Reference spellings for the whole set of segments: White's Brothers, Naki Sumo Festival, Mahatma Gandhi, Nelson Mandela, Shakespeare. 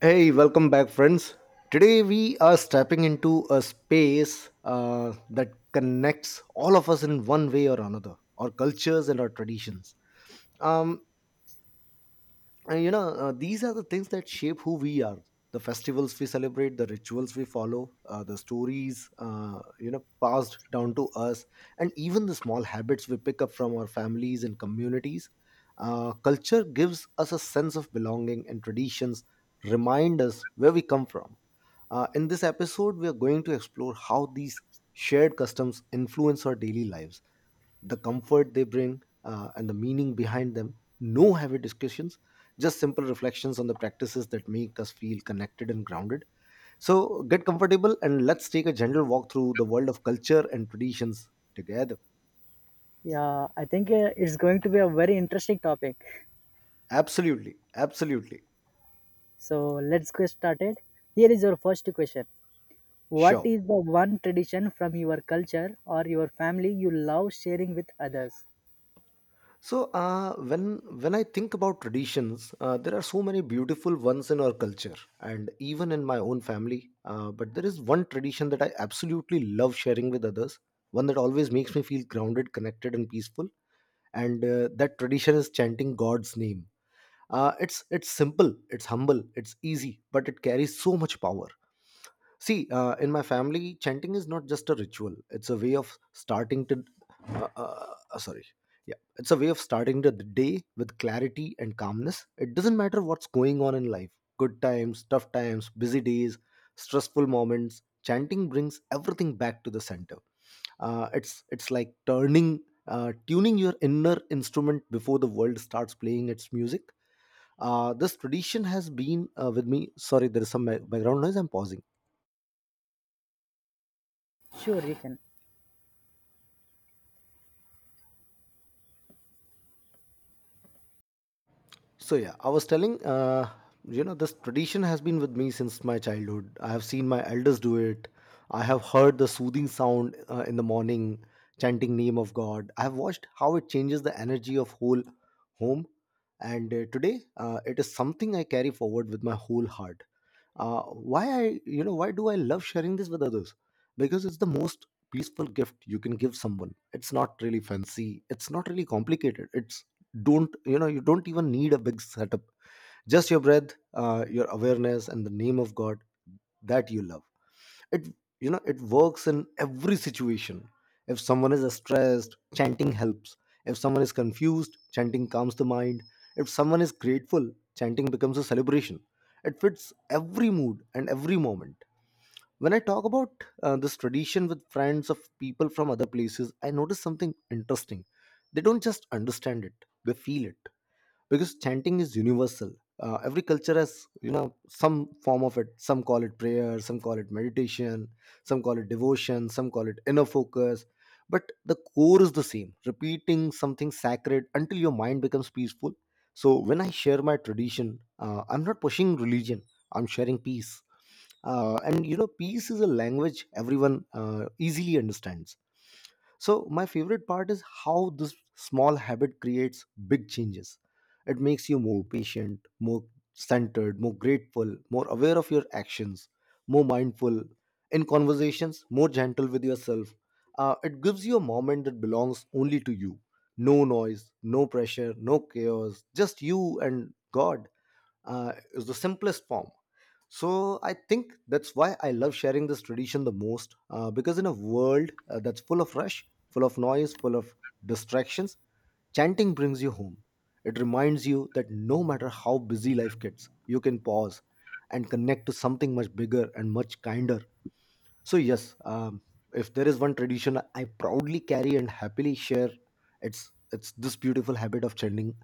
Hey, welcome back, friends. Today, we are stepping into a space that connects all of us in one way or another, our cultures and our traditions. Um, these are the things that shape who we are, the festivals we celebrate, the rituals we follow, the stories, passed down to us, and even the small habits we pick up from our families and communities. Culture gives us a sense of belonging, and traditions remind us where we come from. In this episode, we are going to explore how these shared customs influence our daily lives, the comfort they bring, and the meaning behind them. No heavy discussions, just simple reflections on the practices that make us feel connected and grounded. So, get comfortable and let's take a gentle walk through the world of culture and traditions together. Yeah, I think it's going to be a very interesting topic. Absolutely, absolutely. So let's get started. Here is your first question. What Sure. is the one tradition from your culture or your family you love sharing with others? So when I think about traditions, there are so many beautiful ones in our culture, and even in my own family. But there is one tradition that I absolutely love sharing with others, one that always makes me feel grounded, connected, and peaceful. And that tradition is chanting God's name. It's simple, it's humble, it's easy, but it carries so much power. See, in my family, chanting is not just a ritual. It's a way of starting to. Sorry. Yeah. It's a way of starting the day with clarity and calmness. It doesn't matter what's going on in life, good times, tough times, busy days, stressful moments. Chanting brings everything back to the center. It's like tuning your inner instrument before the world starts playing its music. This tradition has been with me. Sorry, there is some background noise. I'm pausing. Sure, you can. So yeah, I was telling, this tradition has been with me since my childhood. I have seen my elders do it. I have heard the soothing sound in the morning, chanting name of God. I have watched how it changes the energy of whole home, and today it is something I carry forward with my whole heart. Uh, why I you know why do I love sharing this with others? Because it's the most peaceful gift you can give someone. It's not really fancy, it's not really complicated, it's don't you know you don't even need a big setup. Just your breath, your awareness and the name of God that you love it. You know it works in every situation. If someone is stressed, chanting helps. If someone is confused, chanting calms the mind. If someone is grateful, chanting becomes a celebration. It fits every mood and every moment. When I talk about this tradition with friends of people from other places, I notice something interesting. They don't just understand it, they feel it, because chanting is universal. Every culture has, you know some form of it. Some call it prayer, some call it meditation, some call it devotion, some call it inner focus, but the core is the same, repeating something sacred until your mind becomes peaceful. So when I share my tradition, I'm not pushing religion, I'm sharing peace. And peace is a language everyone easily understands. So my favorite part is how this small habit creates big changes. It makes you more patient, more centered, more grateful, more aware of your actions, more mindful in conversations, more gentle with yourself. It gives you a moment that belongs only to you. No noise, no pressure, no chaos, just you and God is the simplest form. So I think that's why I love sharing this tradition the most, because in a world that's full of rush, full of noise, full of distractions, chanting brings you home. It reminds you that no matter how busy life gets, you can pause and connect to something much bigger and much kinder. So, yes, if there is one tradition I proudly carry and happily share, it's this beautiful habit of chanting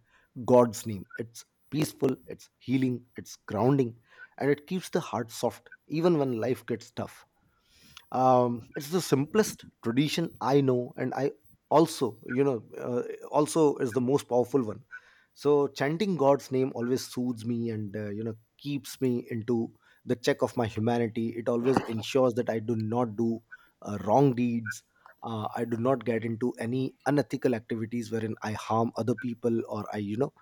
God's name. It's peaceful, it's healing, it's grounding, and it keeps the heart soft even when life gets tough. It's the simplest tradition I know, and I also, also is the most powerful one. So chanting God's name always soothes me and, keeps me into the check of my humanity. It always ensures that I do not do wrong deeds. I do not get into any unethical activities wherein I harm other people, or I you know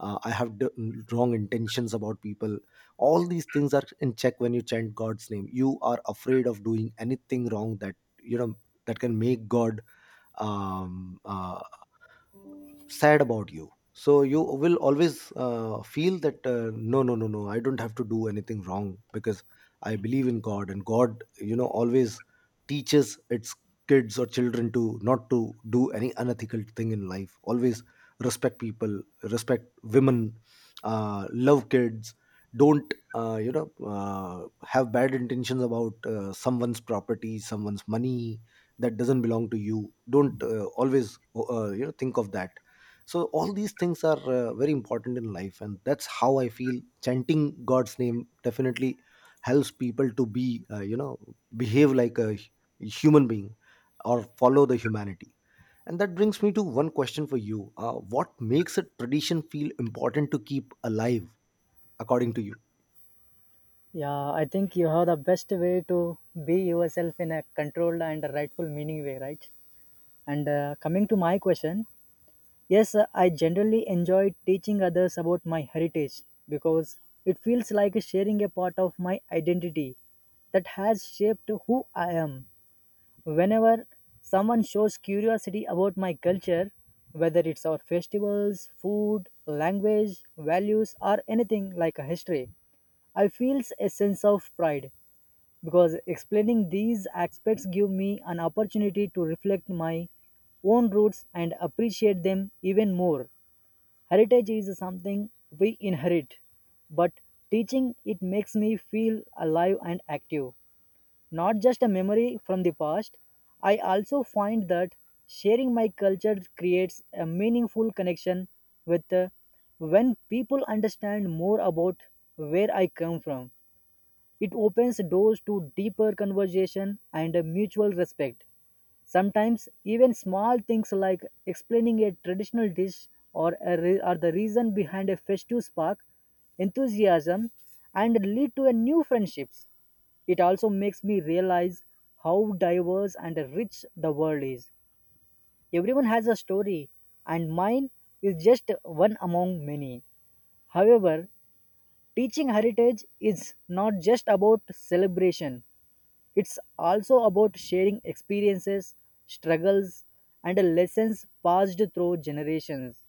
I have d- wrong intentions about people. All these things are in check. When you chant God's name, you are afraid of doing anything wrong that, you know that can make God um, uh, sad about you. So you will always feel that, no, no, no, no, I don't have to do anything wrong, because I believe in God, and God, always teaches its kids or children to not to do any unethical thing in life. Always respect people, respect women, love kids, don't have bad intentions about someone's property, someone's money that doesn't belong to you. Don't, always, think of that. So all these things are very important in life, and that's how I feel chanting God's name definitely helps people to be, behave like a human being or follow the humanity. And that brings me to one question for you: what makes a tradition feel important to keep alive, according to you? Yeah, I think you have the best way to be yourself in a controlled and rightful meaning way, right? And coming to my question, yes, I generally enjoy teaching others about my heritage because it feels like sharing a part of my identity that has shaped who I am. Whenever someone shows curiosity about my culture, whether it's our festivals, food, language, values, or anything like a history, I feel a sense of pride because explaining these aspects give me an opportunity to reflect my own roots and appreciate them even more. Heritage is something we inherit, but teaching it makes me feel alive and active, not just a memory from the past. I also find that sharing my culture creates a meaningful connection with when people understand more about where I come from. It opens doors to deeper conversation and a mutual respect. Sometimes, even small things like explaining a traditional dish or, or the reason behind a festive spark enthusiasm and lead to a new friendships. It also makes me realize how diverse and rich the world is. Everyone has a story, and mine is just one among many. However, teaching heritage is not just about celebration, it's also about sharing experiences, struggles, and lessons passed through generations.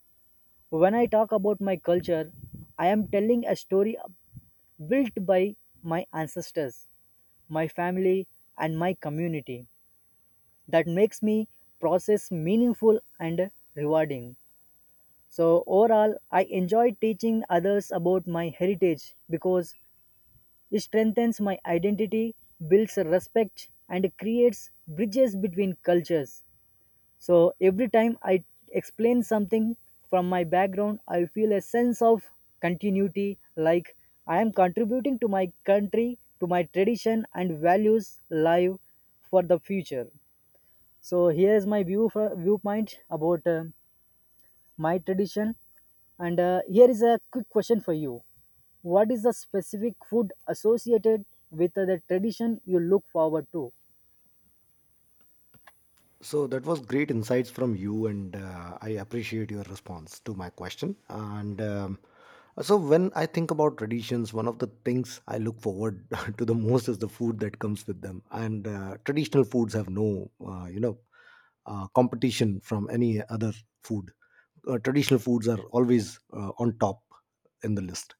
When I talk about my culture, I am telling a story built by my ancestors, my family, and my community that makes me process meaningful and rewarding. So overall, I enjoy teaching others about my heritage because strengthens my identity, builds respect, and creates bridges between cultures. So every time I explain something from my background, I feel a sense of continuity like I am contributing to my country, to my tradition, and values live for the future. So here's my viewpoint about my tradition. And here is a quick question for you. What is the specific food associated with the tradition you look forward to? So that was great insights from you, and I appreciate your response to my question. And so, when I think about traditions, one of the things I look forward to the most is the food that comes with them. And traditional foods have no, competition from any other food. Traditional foods are always on top in the list.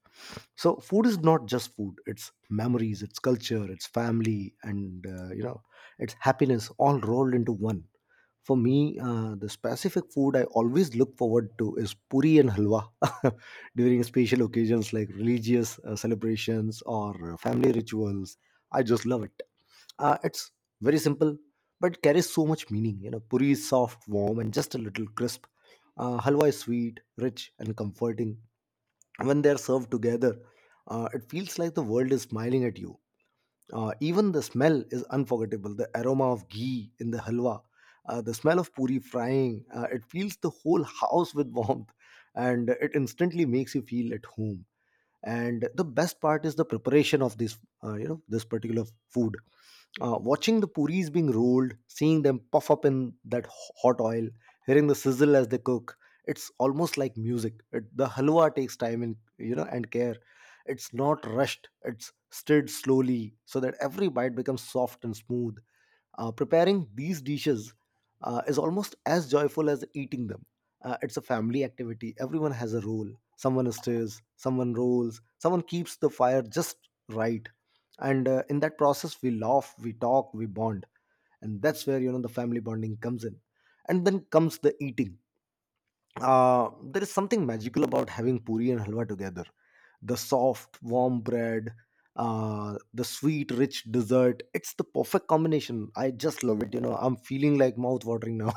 So, food is not just food; it's memories, it's culture, it's family, and, it's happiness all rolled into one. For me, the specific food I always look forward to is puri and halwa during special occasions like religious celebrations or family rituals. I just love it. It's very simple, but it carries so much meaning. You know, puri is soft, warm, and just a little crisp. Halwa is sweet, rich, and comforting. When they're served together, it feels like the world is smiling at you. Even the smell is unforgettable. The aroma of ghee in the halwa, the smell of puri frying, it fills the whole house with warmth, and it instantly makes you feel at home. And the best part is the preparation of this, this particular food, watching the puris being rolled, seeing them puff up in that hot oil, hearing the sizzle as they cook, it's almost like music. It, the halwa takes time and, and care. It's not rushed, it's stirred slowly so that every bite becomes soft and smooth. Preparing these dishes is almost as joyful as eating them. It's a family activity, everyone has a role. Someone stirs, someone rolls, someone keeps the fire just right, and in that process we laugh, we talk, we bond, and that's where, the family bonding comes in. And then comes the eating. There is something magical about having puri and halwa together, the soft, warm bread, the sweet, rich dessert. It's the perfect combination. I just love it. You know, I'm feeling like mouth watering now.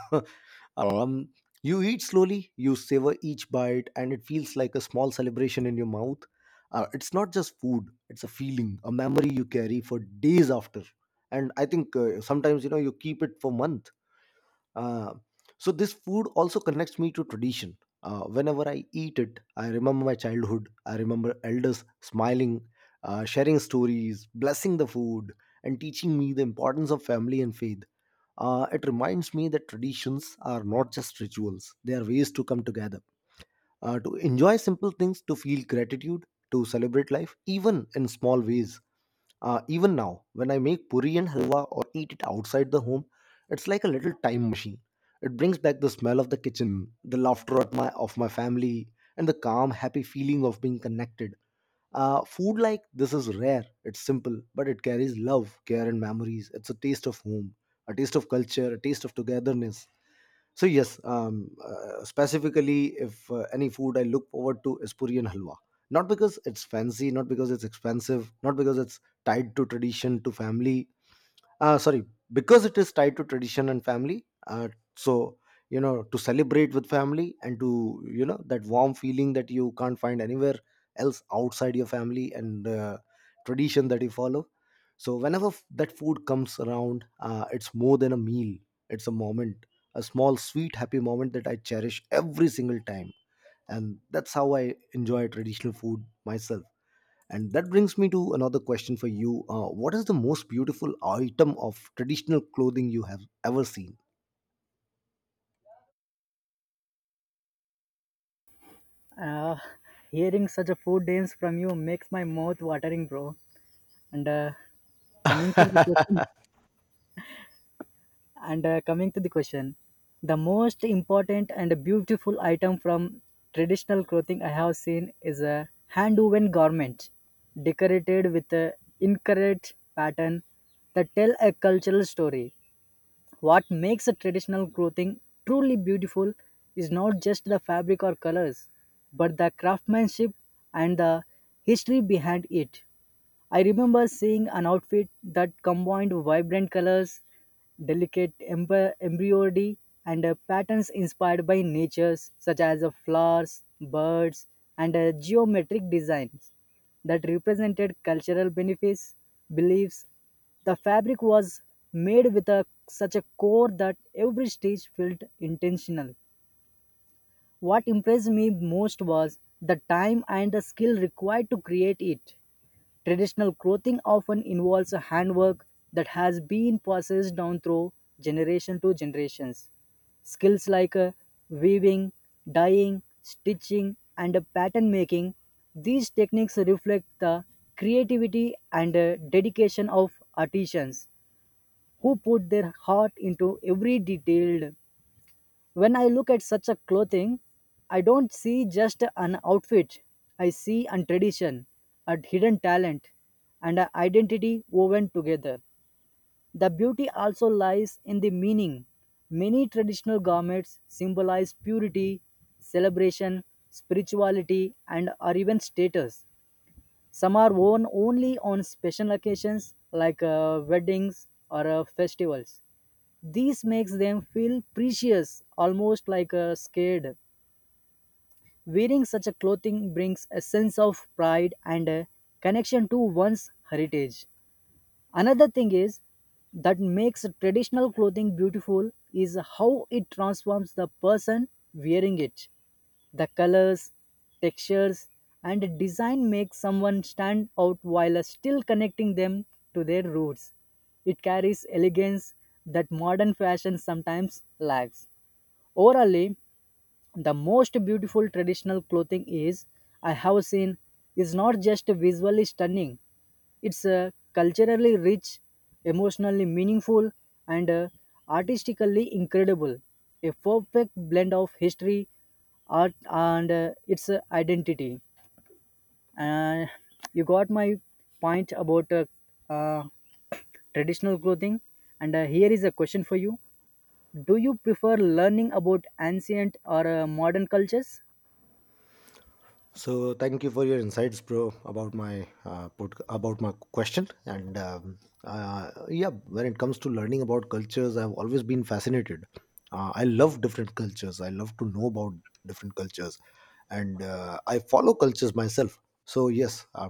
um, you eat slowly, you savor each bite, and it feels like a small celebration in your mouth. It's not just food; it's a feeling, a memory you carry for days after. And I think, sometimes, you keep it for months. uh, so this food also connects me to tradition. Whenever I eat it, I remember my childhood. I remember elders smiling, sharing stories, blessing the food, and teaching me the importance of family and faith. It reminds me that traditions are not just rituals; they are ways to come together, to enjoy simple things, to feel gratitude, to celebrate life, even in small ways. Even now, when I make puri and halwa or eat it outside the home, it's like a little time machine. It brings back the smell of the kitchen, the laughter at my, of my family, and the calm, happy feeling of being connected. Food like this is rare, it's simple, but it carries love, care, and memories. It's a taste of home, a taste of culture, a taste of togetherness. So yes, specifically, if any food I look forward to is puri and halwa. Not because it's fancy, not because it's expensive, not because it's tied to tradition, to family, sorry because it is tied to tradition and family, so you know to celebrate with family and to you know that warm feeling that you can't find anywhere else outside your family and tradition that you follow. So whenever that food comes around, it's more than a meal, it's a moment, a small, sweet, happy moment that I cherish every single time. And that's how I enjoy traditional food myself. And that brings me to another question for you. What is the most beautiful item of traditional clothing you have ever seen? Uh, hearing such a food names from you makes my mouth watering, bro. And coming to the question, And coming to the question, the most important and beautiful item from traditional clothing I have seen is a hand woven garment decorated with a incorrect pattern that tell a cultural story. What makes a traditional clothing truly beautiful is not just the fabric or colors, but the craftsmanship and the history behind it. I remember seeing an outfit that combined vibrant colors, delicate embroidery, and patterns inspired by nature, such as flowers, birds, and geometric designs that represented cultural benefits, beliefs. The fabric was made with a, such a core that every stitch felt intentional. What impressed me most was the time and the skill required to create it. Traditional clothing often involves a handwork that has been passed down through generation to generations. Skills like weaving, dyeing, stitching, and pattern making, these techniques reflect the creativity and dedication of artisans who put their heart into every detailed when I look at such a clothing, I don't see just an outfit. I see a tradition, a hidden talent, and an identity woven together. The beauty also lies in the meaning. Many traditional garments symbolize purity, celebration, spirituality, and or even status. Some are worn only on special occasions like weddings or festivals this makes them feel precious, almost like a scared. Wearing such a clothing brings a sense of pride and a connection to one's heritage. Another thing is that makes traditional clothing beautiful is how it transforms the person wearing it. The colors, textures, and design make someone stand out while still connecting them to their roots. It carries elegance that modern fashion sometimes lacks. Overall, the most beautiful traditional clothing is I have seen is not just visually stunning, it's culturally rich, emotionally meaningful, and artistically incredible, a perfect blend of history, art, and its identity. And you got my point about uh, traditional clothing. And here is a question for you: do you prefer learning about ancient or modern cultures? So thank you for your insights, bro, about my about my question. And yeah, when it comes to learning about cultures, I've always been fascinated. I love different cultures. I love to know about different cultures, and I follow cultures myself. So yes,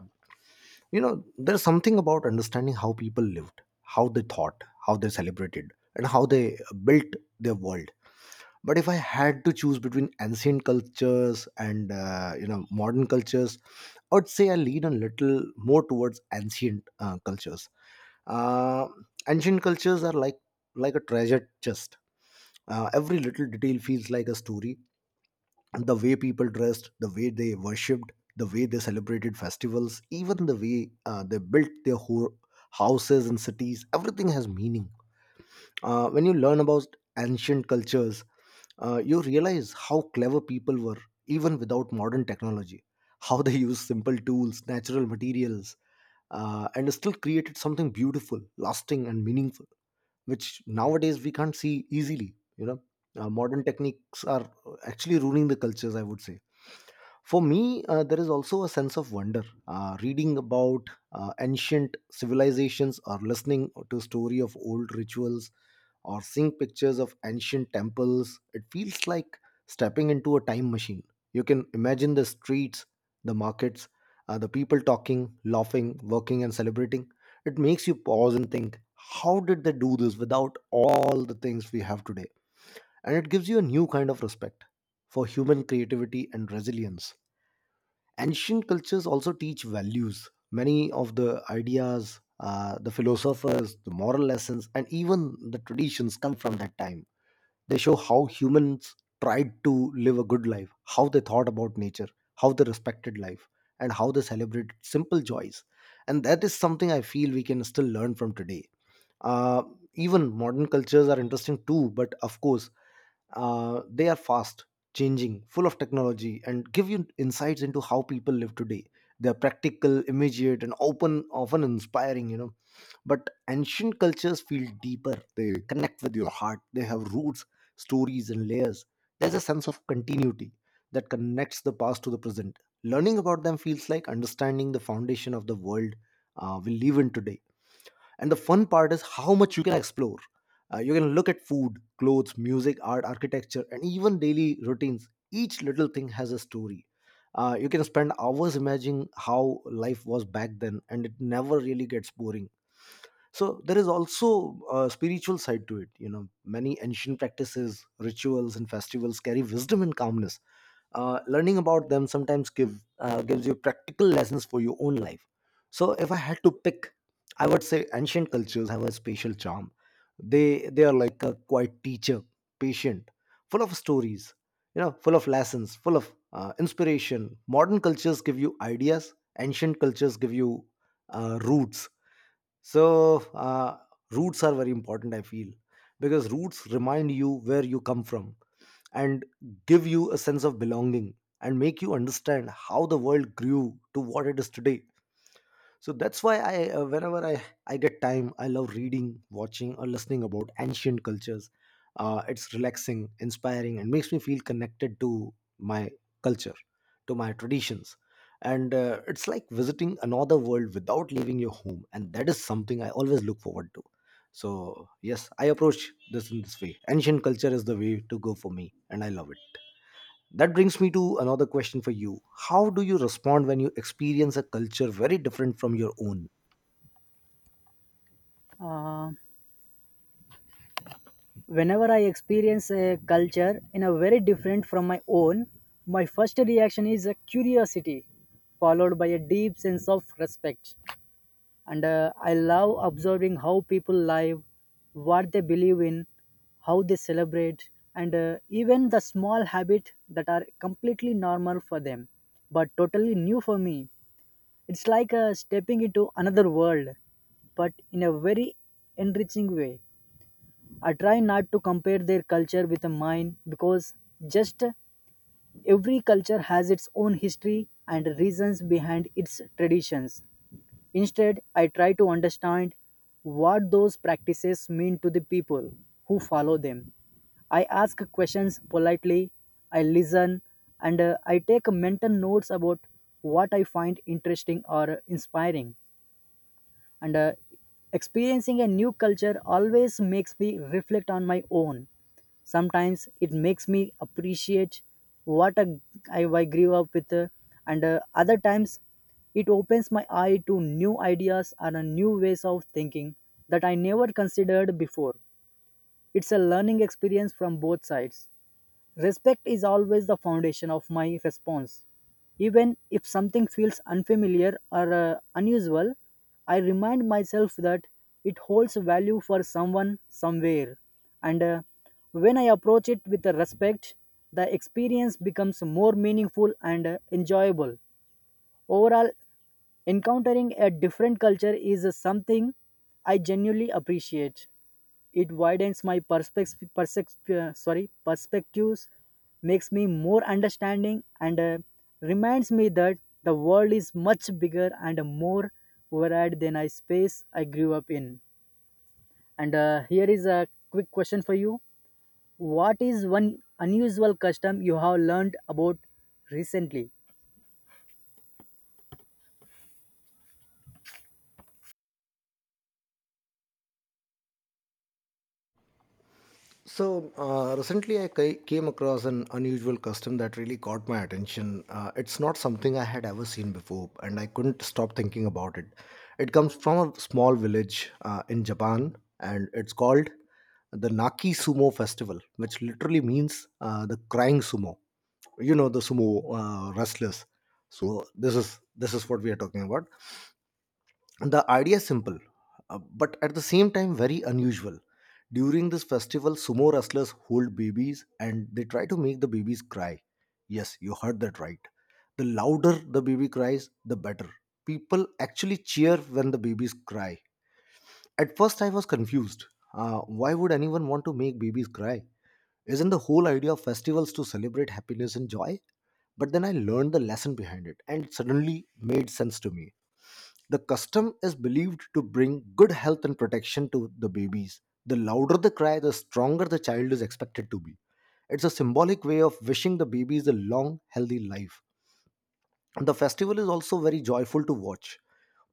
you know, there's something about understanding how people lived, how they thought, how they celebrated, and how they built their world. But if I had to choose between ancient cultures and you know, modern cultures, I'd say I lean a little more towards ancient cultures. uh, Ancient cultures are like a treasure chest. Every little detail feels like a story, the way people dressed, the way they worshipped, the way they celebrated festivals, even the way they built their whole houses and cities, everything has meaning. When you learn about ancient cultures, you realize how clever people were, even without modern technology, how they used simple tools, natural materials, and still created something beautiful, lasting, and meaningful, which nowadays we can't see easily, you know. Modern techniques are actually ruining the cultures, I would say. For me, there is also a sense of wonder. Reading about ancient civilizations or listening to story of old rituals or seeing pictures of ancient temples, it feels like stepping into a time machine. You can imagine the streets, the markets, the people talking, laughing, working, and celebrating. It makes you pause and think, how did they do this without all the things we have today? And it gives you a new kind of respect for human creativity and resilience. Ancient cultures also teach values. Many of the ideas, the philosophers, the moral lessons, and even the traditions come from that time. They show how humans tried to live a good life, how they thought about nature, how they respected life, and how they celebrated simple joys. And that is something I feel we can still learn from today. Uh, Even modern cultures are interesting too, but of course, they are fast, changing, full of technology, and give you insights into how people live today. They are practical, immediate, and open, often inspiring, you know. But ancient cultures feel deeper. They connect with your heart. They have roots, stories, and layers. There's a sense of continuity that connects the past to the present. Learning about them feels like understanding the foundation of the world we live in today. And the fun part is how much you can explore. You can look at food, clothes, music, art, architecture, and even daily routines. Each little thing has a story. You can spend hours imagining how life was back then, and it never really gets boring. So there is also a spiritual side to it, you know, many ancient practices, rituals, and festivals carry wisdom and calmness. Learning about them sometimes gives you practical lessons for your own life. So if I had to pick, I would say ancient cultures have a special charm. They are like a quiet teacher, patient, full of stories, you know, full of lessons, full of inspiration. Modern cultures give you ideas, ancient cultures give you roots. So roots are very important, I feel, because roots remind you where you come from and give you a sense of belonging and make you understand how the world grew to what it is today. So that's why I whenever I get time I love reading, watching, or listening about ancient cultures. It's relaxing, inspiring, and makes me feel connected to my culture, to my traditions, and it's like visiting another world without leaving your home, and that is something I always look forward to. So yes, I approach this in this way: ancient culture is the way to go for me, and I love it. That brings me to another question for you. How do you respond when you experience a culture very different from your own? Uh, whenever I experience a culture in a very different from my own, my first reaction is a curiosity, followed by a deep sense of respect. And I love observing how people live, what they believe in, how they celebrate, and even the small habits that are completely normal for them, but totally new for me. It's like stepping into another world, but in a very enriching way. I try not to compare their culture with mine because just every culture has its own history and reasons behind its traditions. Instead, I try to understand what those practices mean to the people who follow them. I ask questions politely, I listen, and I take mental notes about what I find interesting or inspiring. And experiencing a new culture always makes me reflect on my own. Sometimes it makes me appreciate what a- I grew up with, and other times it opens my eye to new ideas and new ways of thinking that I never considered before. It's a learning experience from both sides. Respect is always the foundation of my response. Even if something feels unfamiliar or unusual, I remind myself that it holds value for someone somewhere. And when I approach it with respect, the experience becomes more meaningful and enjoyable. Overall, encountering a different culture is something I genuinely appreciate. It widens my perspective, sorry, perspectives, makes me more understanding, and reminds me that the world is much bigger and more varied than I space I grew up in. And here is a quick question for you: what is one unusual custom you have learned about recently? So recently, I came across an unusual custom that really caught my attention. It's not something I had ever seen before, and I couldn't stop thinking about it. It comes from a small village in Japan, and it's called the Naki Sumo Festival, which literally means the crying sumo. You know, the sumo wrestlers. So this is what we are talking about. The idea is simple, but at the same time very unusual. During this festival, sumo wrestlers hold babies and they try to make the babies cry. Yes, you heard that right. The louder the baby cries, the better. People actually cheer when the babies cry. At first, I was confused. Why would anyone want to make babies cry? Isn't the whole idea of festivals to celebrate happiness and joy? But then I learned the lesson behind it, and it suddenly made sense to me. The custom is believed to bring good health and protection to the babies. The louder the cry, the stronger the child is expected to be. It's a symbolic way of wishing the babies a long, healthy life. The festival is also very joyful to watch.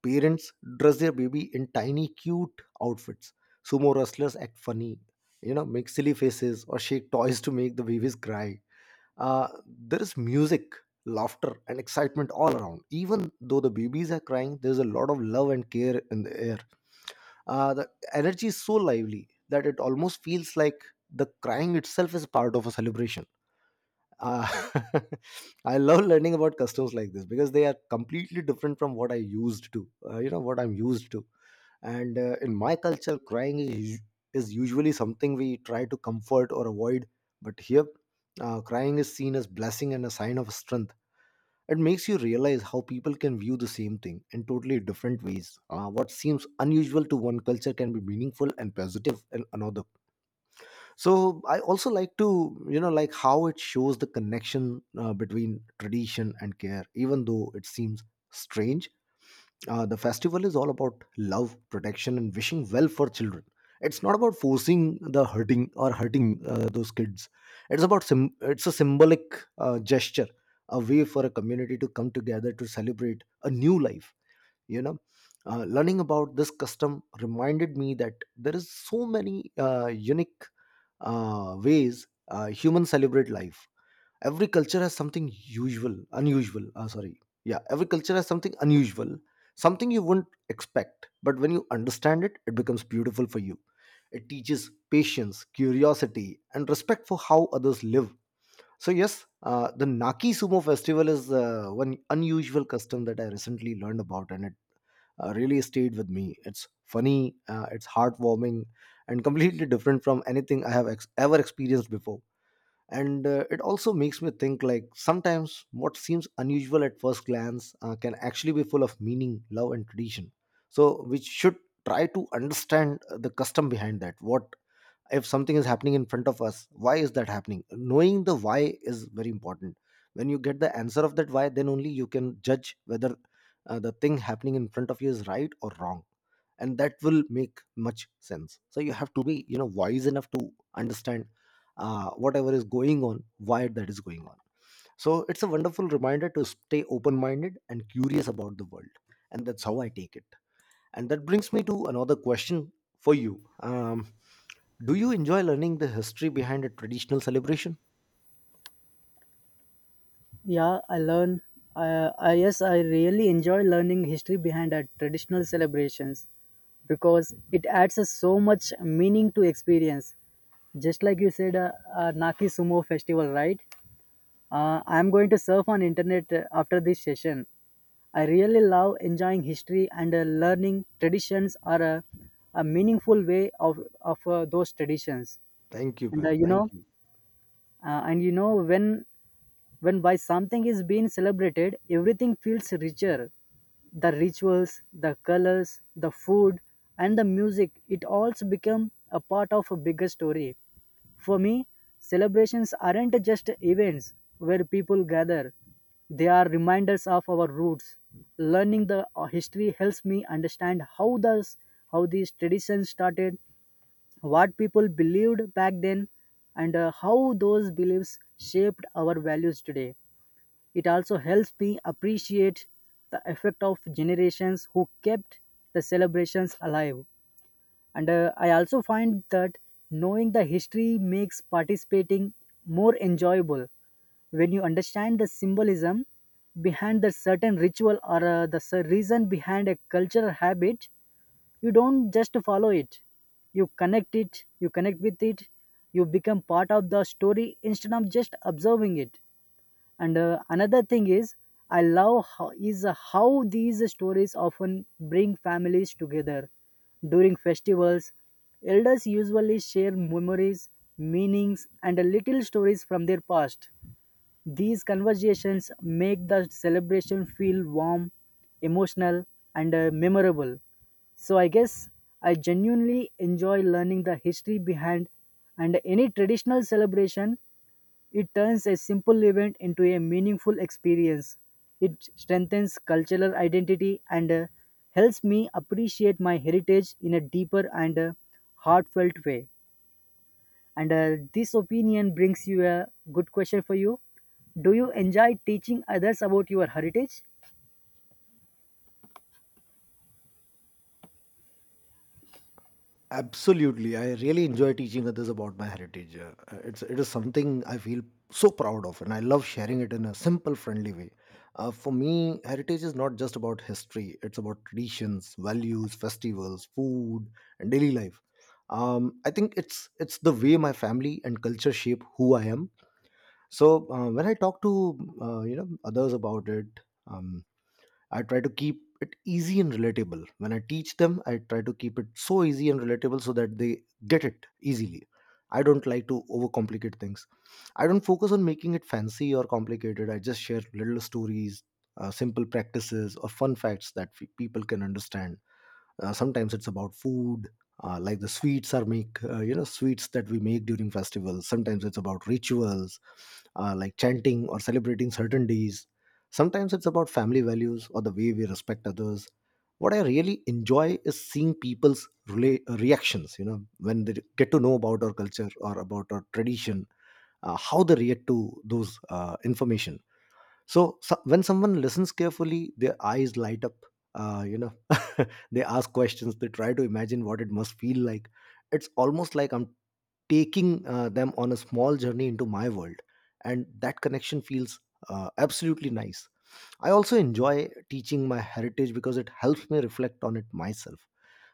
Parents dress their baby in tiny, cute outfits. Sumo wrestlers act funny, you know, make silly faces or shake toys to make the babies cry. There is music, laughter, and excitement all around. Even though the babies are crying, there's a lot of love and care in the air. The energy is so lively that it almost feels like the crying itself is part of a celebration. Uh, I love learning about customs like this because they are completely different from what I used to. You know what I'm used to, and in my culture, crying is is usually something we try to comfort or avoid. But here, crying is seen as blessing and a sign of strength. It makes you realize how people can view the same thing in totally different ways. What seems unusual to one culture can be meaningful and positive in another. So I also like to, you know, like how it shows the connection between tradition and care, even though it seems strange. The festival is all about love, protection, and wishing well for children. It's not about forcing the hurting or hurting those kids. It's a symbolic gesture, a way for a community to come together to celebrate a new life, you know. Learning about this custom reminded me that there is so many unique ways humans celebrate life. Every culture has something unusual. Yeah, every culture has something unusual, something you wouldn't expect. But when you understand it, it becomes beautiful for you. It teaches patience, curiosity, and respect for how others live. So yes, the Naki Sumo Festival is one unusual custom that I recently learned about, and it really stayed with me. It's funny, it's heartwarming, and completely different from anything I have ever experienced before. And it also makes me think, like sometimes what seems unusual at first glance, can actually be full of meaning, love, and tradition. So we should try to understand the custom behind that. What, if something is happening in front of us, why is that happening? Knowing the why is very important. When you get the answer of that why, then only you can judge whether the thing happening in front of you is right or wrong, and that will make much sense. So you have to be, you know, wise enough to understand whatever is going on, why that is going on. So it's a wonderful reminder to stay open minded and curious about the world, and that's how I take it. And that brings me to another question for you, do you enjoy learning the history behind a traditional celebration? Yeah, I learn. Yes, I really enjoy learning history behind our traditional celebrations because it adds a so much meaning to experience. Just like you said, Naki Sumo festival, right? I'm going to surf on internet after this session. I really love enjoying history and learning traditions are a meaningful way of those traditions. Thank you And man, you thank know, you. and you know when by something is being celebrated, everything feels richer. The rituals, the colors, the food, and the music, it also become a part of a bigger story. For me, celebrations aren't just events where people gather. They are reminders of our roots. Learning the history helps me understand how these traditions started, what people believed back then, and how those beliefs shaped our values today. It also helps me appreciate the effect of generations who kept the celebrations alive. And I also find that knowing the history makes participating more enjoyable when you understand the symbolism behind the certain ritual or reason behind a cultural habit. You don't just follow it, you connect it, you connect with it, you become part of the story instead of just observing it. And another thing I love how these stories often bring families together. During festivals, elders usually share memories, meanings, and little stories from their past. These conversations make the celebration feel warm, emotional, and memorable. So I guess I genuinely enjoy learning the history behind and any traditional celebration. It turns a simple event into a meaningful experience. It strengthens cultural identity and helps me appreciate my heritage in a deeper and heartfelt way. And this opinion brings you a good question for you. Do you enjoy teaching others about your heritage? Absolutely, I really enjoy teaching others about my heritage. It is something I feel so proud of, and I love sharing it in a simple, friendly way. For me, heritage is not just about history; it's about traditions, values, festivals, food, and daily life. I think it's the way my family and culture shape who I am. So when I talk to you know others about it, I try to keep it easy and relatable. When I teach them, I try to keep it so easy and relatable so that they get it easily. I don't like to overcomplicate things. I don't focus on making it fancy or complicated. I just share little stories, simple practices, or fun facts that people can understand. Sometimes it's about food, like the you know, sweets that we make during festivals. Sometimes it's about rituals, like chanting or celebrating certain days. Sometimes it's about family values or the way we respect others. What I really enjoy is seeing people's reactions, you know, when they get to know about our culture or about our tradition, how they react to those information. So when someone listens carefully, their eyes light up. Uh, you know, they ask questions. They try to imagine what it must feel like. It's almost like I'm taking them on a small journey into my world, and that connection feels absolutely nice. I also enjoy teaching my heritage because it helps me reflect on it myself.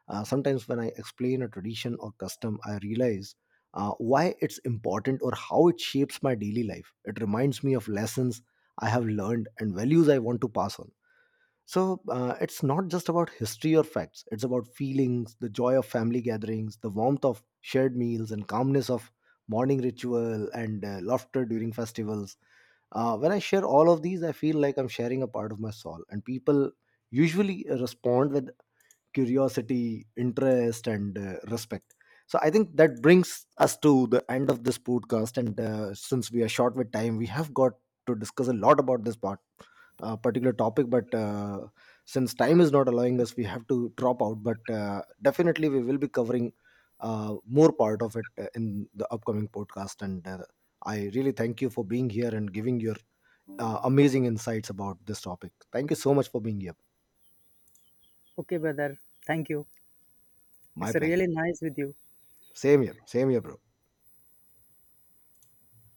Sometimes when I explain a tradition or custom I realize why it's important or how it shapes my daily life. It reminds me of lessons I have learned and values I want to pass on. So it's not just about history or facts, it's about feelings, the joy of family gatherings, the warmth of shared meals, and calmness of morning ritual and laughter during festivals. When I share all of these, I feel like I'm sharing a part of my soul, and people usually respond with curiosity, interest, and respect. So I think that brings us to the end of this podcast. And since we are short with time, we have got to discuss a lot about this part particular topic, but since time is not allowing us we have to drop out. But definitely we will be covering more part of it in the upcoming podcast. And I really thank you for being here and giving your amazing insights about this topic. Thank you so much for being here. Okay, brother. Thank you. My It's pleasure. really nice with you. Same here, same here bro.